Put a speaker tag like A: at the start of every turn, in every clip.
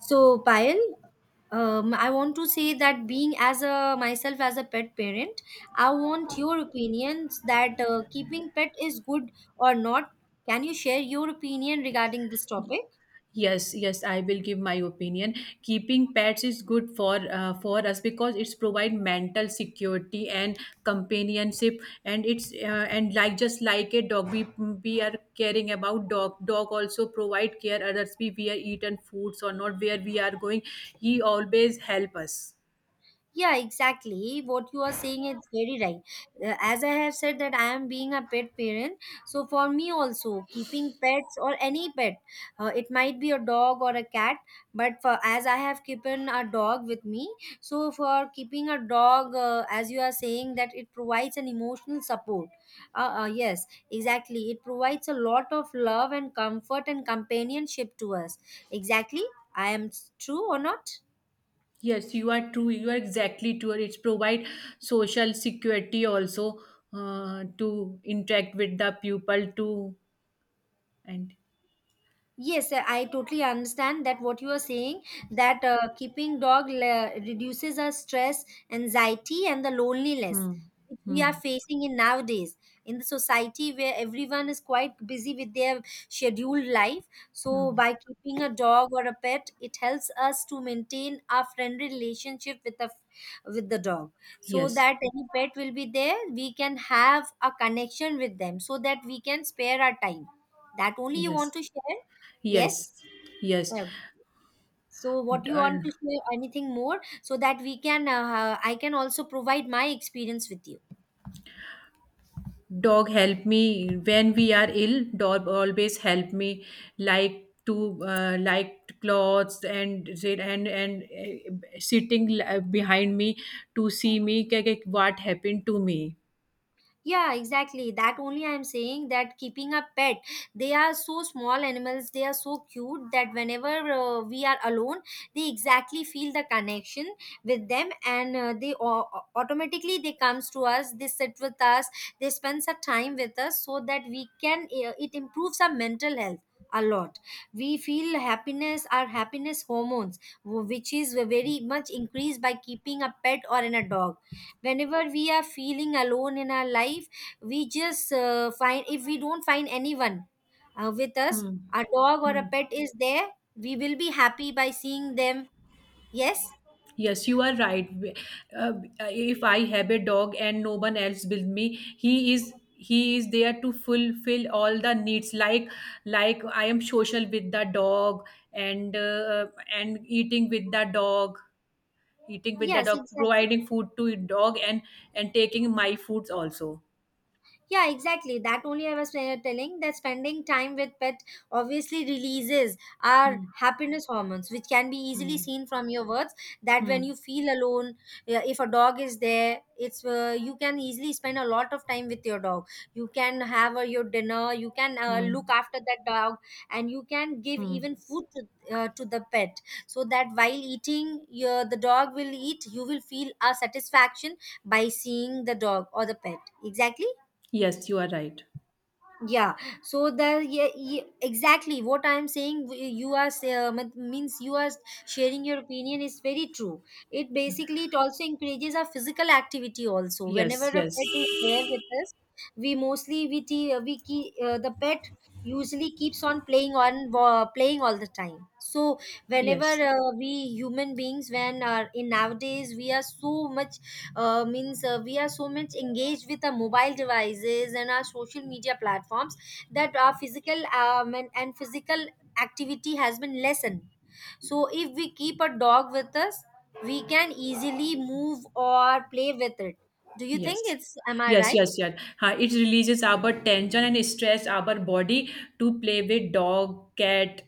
A: So, Payal, I want to say that being as a myself as a pet parent, I want your opinions that keeping pet is good or not. Can you share your opinion regarding this topic?
B: Yes, yes, I will give my opinion. Keeping pets is good for us because it's provide mental security and companionship, and like just like a dog, we are caring about dog. Dog also provide care others. We are eaten foods or not where we are going. He always help us.
A: Yeah, exactly what you are saying is very right. As I have said that I am being a pet parent, so for me also keeping pets or any pet, it might be a dog or a cat, but for as I have keeping a dog with me, so for keeping a dog, as you are saying that it provides an emotional support. Yes, exactly it provides a lot of love and comfort and companionship to us, exactly. I am true or not?
B: Yes, you are true. You are exactly true. It's provide social security also to interact with the people too and.
A: Yes, I totally understand that what you are saying, that keeping dog reduces our stress, anxiety, and the loneliness
B: Hmm.
A: which we
B: Hmm.
A: are facing in nowadays, in the society where everyone is quite busy with their scheduled life. So,
B: Hmm.
A: by keeping a dog or a pet, it helps us to maintain our friendly relationship with the dog, so
B: Yes.
A: that any pet will be there. We can have a connection with them, so that we can spare our time. That only you want
B: Yes.
A: to share.
B: Yes.
A: Yes.
B: Yes.
A: Well, so what
B: D-
A: you want to
B: and
A: share anything more so that we can I can also provide my experience with you.
B: dog help me when we are ill. Dog always help me, like clothes and sitting behind me to see me. What happened to me?
A: Yeah, exactly that only I'm saying that keeping a pet, they are so small animals, they are so cute that whenever we are alone, they exactly feel the connection with them, and automatically they comes to us, they sit with us, they spend some time with us so that we can it improves our mental health a lot. We feel happiness, our happiness hormones which is very much increased by keeping a pet or in a dog. Whenever we are feeling alone in our life, we just find if we don't find anyone with us, a dog or a
B: Hmm.
A: pet is there. We will be happy by seeing them, yes,
B: Yes, you are right. Uh, if I have a dog and no one else with me, he is he is there to fulfill all the needs. Like I am social with the dog, and uh, and eating with the dog, eating with the
A: yes,
B: dog,
A: exactly.
B: providing food to dog, and taking my foods also.
A: Yeah, exactly. That only I was telling that spending time with pet obviously releases our
B: Hmm.
A: happiness hormones, which can be easily
B: Hmm.
A: seen from your words. That
B: Hmm.
A: when you feel alone, if a dog is there, it's you can easily spend a lot of time with your dog. You can have your dinner. You can
B: Hmm.
A: look after that dog, and you can give
B: Hmm.
A: even food to. To the pet so that while eating your the dog will eat, you will feel a satisfaction by seeing the dog or the pet, exactly.
B: Yes, you are right.
A: Yeah, so the, yeah, yeah, exactly what I'm saying, w- you are say- mean- means you are sharing your opinion is very true. It basically it also encourages our physical activity also whenever
B: Yes.
A: a
B: Yes.
A: pet is there with us. We mostly we keep, the pet usually keeps on playing all the time. So whenever
B: Yes.
A: we human beings, when in nowadays we are so much, means we are so much engaged with our mobile devices and our social media platforms, that our physical and physical activity has been lessened. So if we keep a dog with us, we can easily move or play with it. Do you think
B: Yes.
A: it's, am I
B: Yes,
A: right?
B: yes, yes. Huh, it releases our tension and stress our body to play with dog, cat,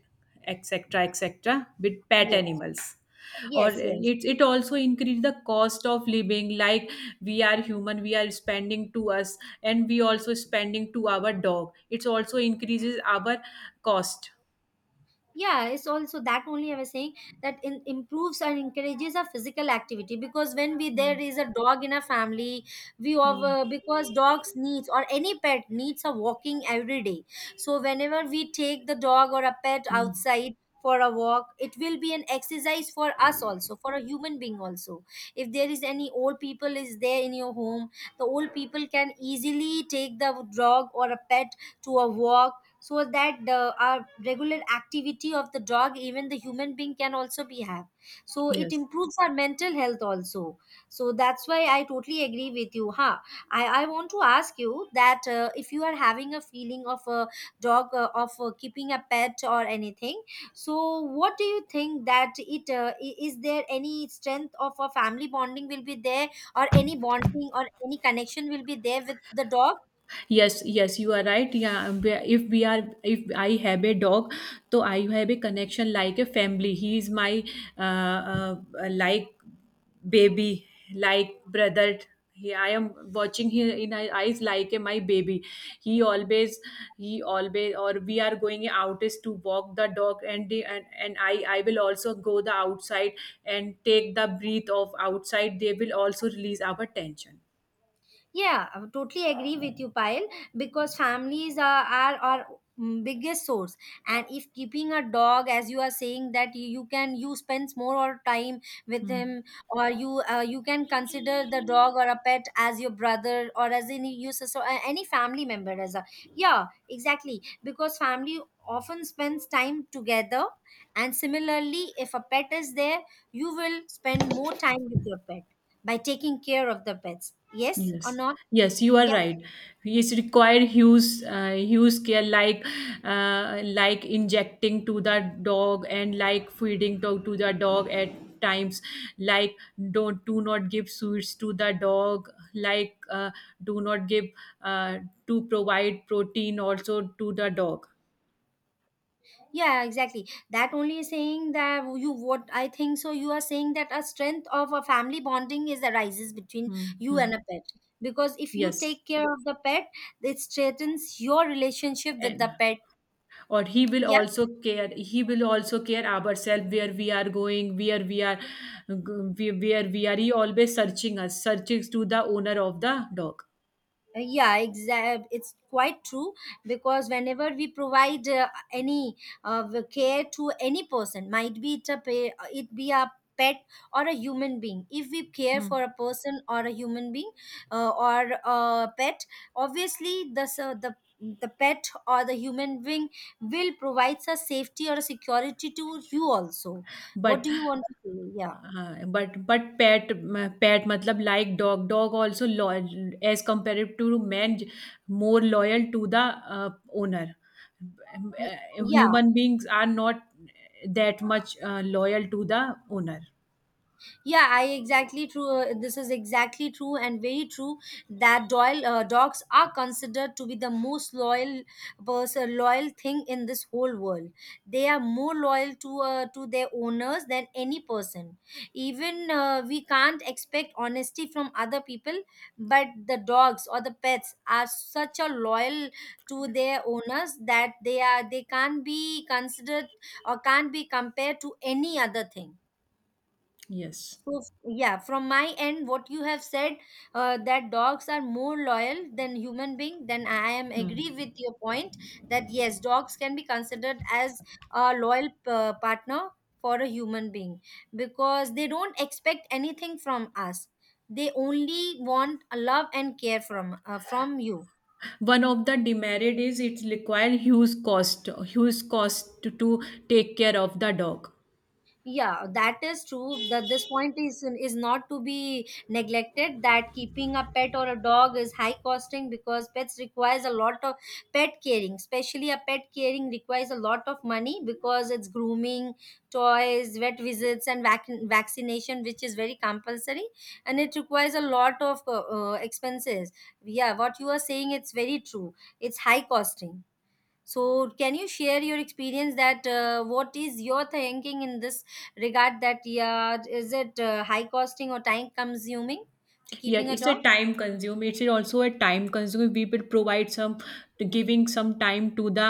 B: etc., etc., with pet
A: Yes,
B: animals. Or
A: yes, yes.
B: it also increase the cost of living. Like, we are human, we are spending to us, and we also spending to our dog. It also increases our cost.
A: Yeah, it's also that only I was saying, that improves and encourages a physical activity because when we, there
B: Hmm.
A: is a dog in a family, we of
B: Hmm.
A: because dogs needs or any pet needs a walking every day. So whenever we take the dog or a pet
B: Hmm.
A: outside for a walk, it will be an exercise for us also, for a human being also. If there is any old people is there in your home, the old people can easily take the dog or a pet to a walk, so that the our regular activity of the dog, even the human being can also be have. So it
B: Yes.
A: improves our mental health also. So that's why I totally agree with you. Huh, I want to ask you that if you are having a feeling of a dog, of keeping a pet or anything, so what do you think that it, is there any strength of a family bonding will be there, or any bonding or any connection will be there with the dog?
B: Yes, yes, you are right, yeah. We- if we are if i have a dog, so I have a connection like a family. He is my, uh, uh, like, baby, like, brother. He, I am watching him in my eyes like a my baby. He always he always or we are going out is to walk the dog, and I will also go the outside and take the breath of outside. They will also release our tension.
A: Yeah, I totally agree with you, Payal, because families are our biggest source. And if keeping a dog, as you are saying, that you can you spends more or time with
B: Hmm.
A: him, or you, you can consider the dog or a pet as your brother or as any you, so so, any family member as a, yeah, exactly because family often spends time together, and similarly if a pet is there, you will spend more time with your pet by taking care of the pets, yes or
B: Yes,
A: not?
B: yes, you
A: You
B: are
A: can,
B: right. It's required huge care, like injecting to the dog and like feeding to the dog at times. Like, don't do not give sweets to the dog. Like, do not give uh, to provide protein also to the dog.
A: yeah, exactly that only saying that you, what I think, so you are saying that a strength of a family bonding is arises between
B: Hmm.
A: you and
B: Hmm.
A: a pet, because if you
B: Yes,
A: take care of the pet, it strengthens your relationship with
B: and
A: the pet.
B: or he will
A: Yeah.
B: also care he will also care ourselves, where we are going, where we are, where we are, he always searching us, searching to the owner of the dog.
A: Yeah, exact it's quite true, because whenever we provide any the care to any person, might be it a it be a pet or a human being, if we care
B: Hmm.
A: for a person or a human being, or a pet, obviously the the pet or the human being will provide a safety or a security to you also. What
B: but
A: do you want to say? Yeah.
B: but pet pet matlab, like dog also loyal as compared to man, more loyal to the uh, owner.
A: Y- yeah.
B: Human beings are not that much loyal to the owner.
A: Yeah, I exactly true. This is exactly true and very true, that Doyle, dogs are considered to be the most loyal person, loyal thing in this whole world. They are more loyal to their owners than any person. Even we can't expect honesty from other people, but the dogs or the pets are such a loyal to their owners that they are they can't be considered or can't be compared to any other thing.
B: Yes.
A: So, yeah, from my end, what you have said, that dogs are more loyal than human being, then I am agree with your point that yes, dogs can be considered as a loyal partner for a human being, because they don't expect anything from us. They only want love and care from you.
B: One of the demerit is it requires huge cost, huge cost to take care of the dog.
A: Yeah, that is true, that this point is not to be neglected, that keeping a pet or a dog is high costing because pets requires a lot of pet caring. Especially a pet caring requires a lot of money, because it's grooming, toys, vet visits, and vaccination, which is very compulsory. And it requires a lot of expenses. Yeah, what you are saying, it's very true, it's high costing. So, can you share your experience that what is your thinking in this regard, that yeah, is it high costing or time consuming to
B: Yet
A: keeping a
B: it's a
A: dog?
B: time consume. It's also a time consume. We will provide some, giving some time to the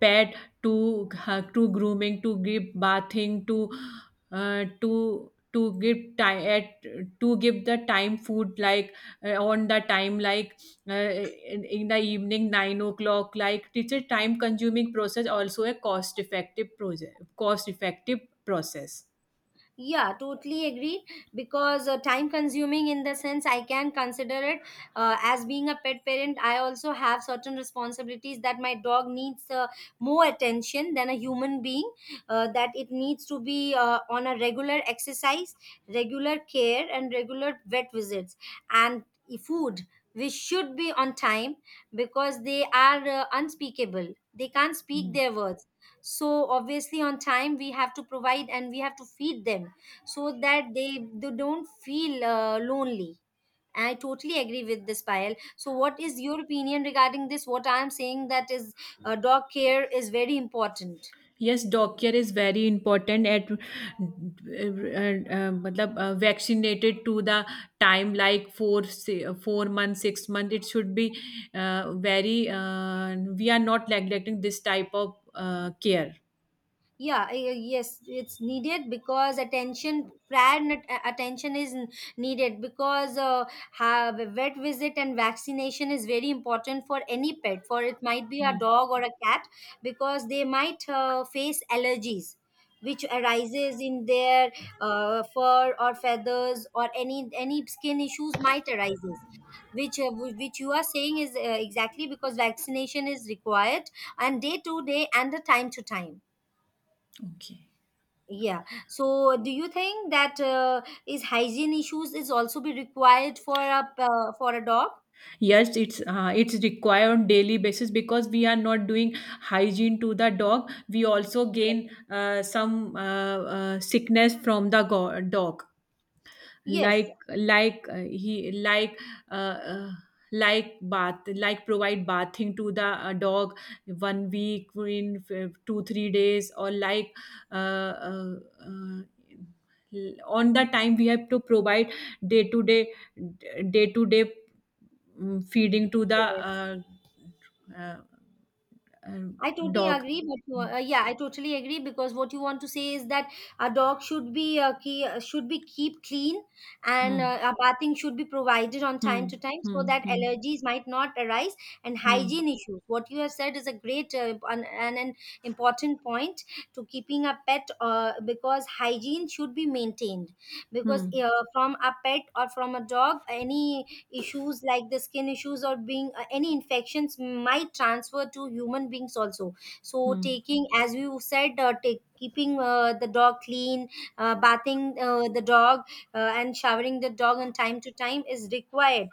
B: pet, to grooming, to give bathing, to give time at, to give the time food, like on the time, like, in the evening 9 o'clock. Like, it's a time consuming process, also a cost effective project, cost effective process.
A: Yeah, totally agree. Because time consuming, in the sense, I can consider it as being a pet parent. I also have certain responsibilities that my dog needs more attention than a human being, that it needs to be on a regular exercise, regular care, and regular vet visits, and food, which should be on time, because they are unspeakable. They can't speak their words, so obviously on time we have to provide and we have to feed them, so that they don't feel lonely. I totally agree with this, Payal. So what is your opinion regarding this, what I am saying, that is, dog care is very important.
B: Yes, dog care is very important at matlab, vaccinated to the time, like 4 4 months, 6 months it should be, very, we are not neglecting this type of care.
A: Yeah, yes, it's needed because attention attention is needed because have a vet visit and vaccination is very important for any pet, for it might be a
B: Hmm.
A: dog or a cat, because they might face allergies which arises in their fur or feathers, or any skin issues might arises, which which you are saying is exactly, because vaccination is required, and day to day and the time to time.
B: Okay.
A: Yeah. So, do you think that is hygiene issues is also be required for a, for a dog?
B: Yes, it's required on daily basis because we are not doing hygiene to the dog. We also gain some sickness from the dog.
A: Yes.
B: Like he, like, uh, uh, like bath, like provide bathing to the dog one week in 2-3 days, or like uh, uh, uh, on the time we have to provide day to day day to day, feeding to the uh, uh,
A: I totally
B: dog.
A: agree, but yeah, I totally agree because what you want to say is that a dog should be should be keep clean, and
B: Hmm.
A: a bathing should be provided on time to
B: Hmm.
A: time so
B: Hmm.
A: that
B: Hmm.
A: allergies might not arise and
B: Hmm.
A: hygiene issues. What you have said is a great and an important point to keeping a pet, because hygiene should be maintained, because
B: Hmm.
A: from a pet or from a dog, any issues like the skin issues or being any infections might transfer to human beings also. So
B: Hmm.
A: taking, as we said, take keeping the dog clean, bathing the dog, and showering the dog on time to time is required,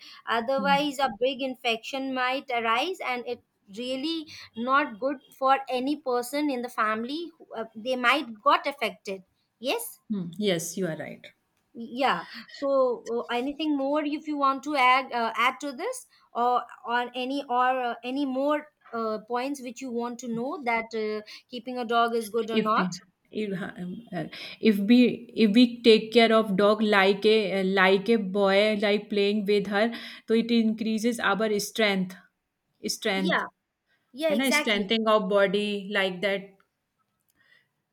B: Hmm.
A: otherwise a big infection might arise, and it really not good for any person in the family who, they might got affected. Yes.
B: Hmm. Yes, you are right.
A: Yeah. So anything more if you want to add, to this, or any more points which you want to know, that keeping a dog is good or
B: if
A: not?
B: we if, uh, if we take care of dog, like a boy, like playing with her, so it increases our strength.
A: Yeah. Yeah,
B: है ना,
A: exactly.
B: strengthening of body like that,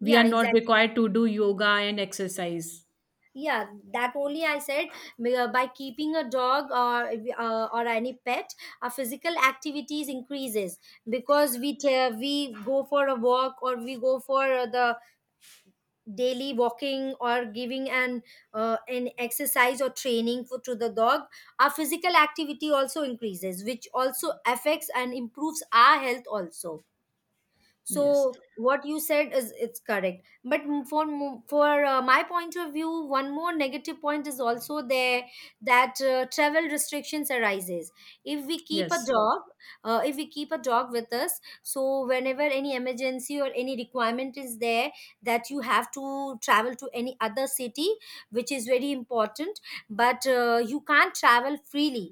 B: we
A: Yeah,
B: are not
A: exactly.
B: required to do yoga and exercise.
A: Yeah, that only I said, by keeping a dog or any pet, our physical activities increases because we go for a walk, or we go for the daily walking, or giving an exercise or training for to the dog, our physical activity also increases, which also affects and improves our health also.
B: Yes,
A: So what you said is it's correct, but for my point of view, one more negative point is also there, that travel restrictions arises if we keep a
B: yes,
A: dog, if we keep a dog with us, so whenever any emergency or any requirement is there, that you have to travel to any other city, which is very important, but you can't travel freely.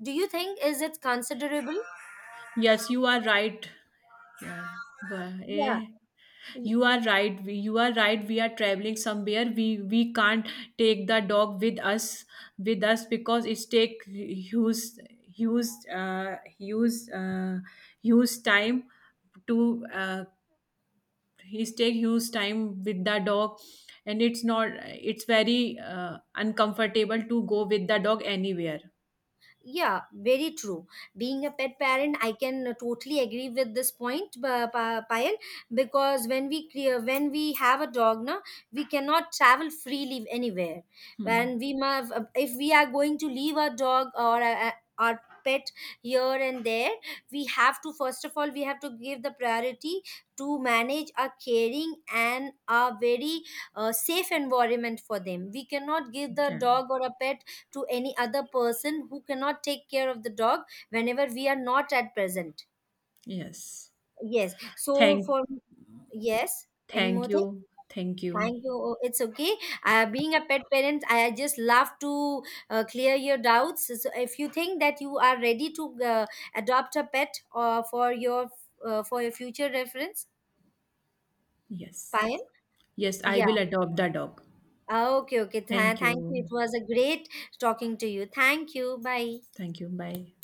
A: Do you think is it considerable?
B: yes, you are right, yeah. वाह,
A: Yeah.
B: eh, you are right. You are right, we are traveling somewhere we can't take the dog with us, with us, because it's take huge uh, huge uh, huge time, to he's take huge time with the dog, and it's not, it's very uncomfortable to go with the dog anywhere.
A: Yeah, very true. Being a pet parent, I can totally agree with this point, Payal, because when we when we have a dog, na, we cannot travel freely anywhere. And
B: Hmm.
A: we must, if we are going to leave our dog or our pet here and there, we have to, first of all we have to give the priority to manage a caring and a very safe environment for them. We cannot give the
B: Okay.
A: dog or a pet to any other person who cannot take care of the dog whenever we are not at present.
B: Yes.
A: Yes. So
B: thank
A: for, yes, any more
B: Thank
A: thing?
B: you, thank you.
A: Thank you. Oh, it's okay. Being a pet parent, I just love to clear your doubts. So if you think that you are ready to adopt a pet for your, for your future reference,
B: Yes,
A: Payan.
B: yes I
A: Yeah.
B: will adopt the dog.
A: Ah, okay. Okay.
B: Thank
A: Thank you.
B: you.
A: It was a great talking to you. Thank you. Bye.
B: Thank you. Bye.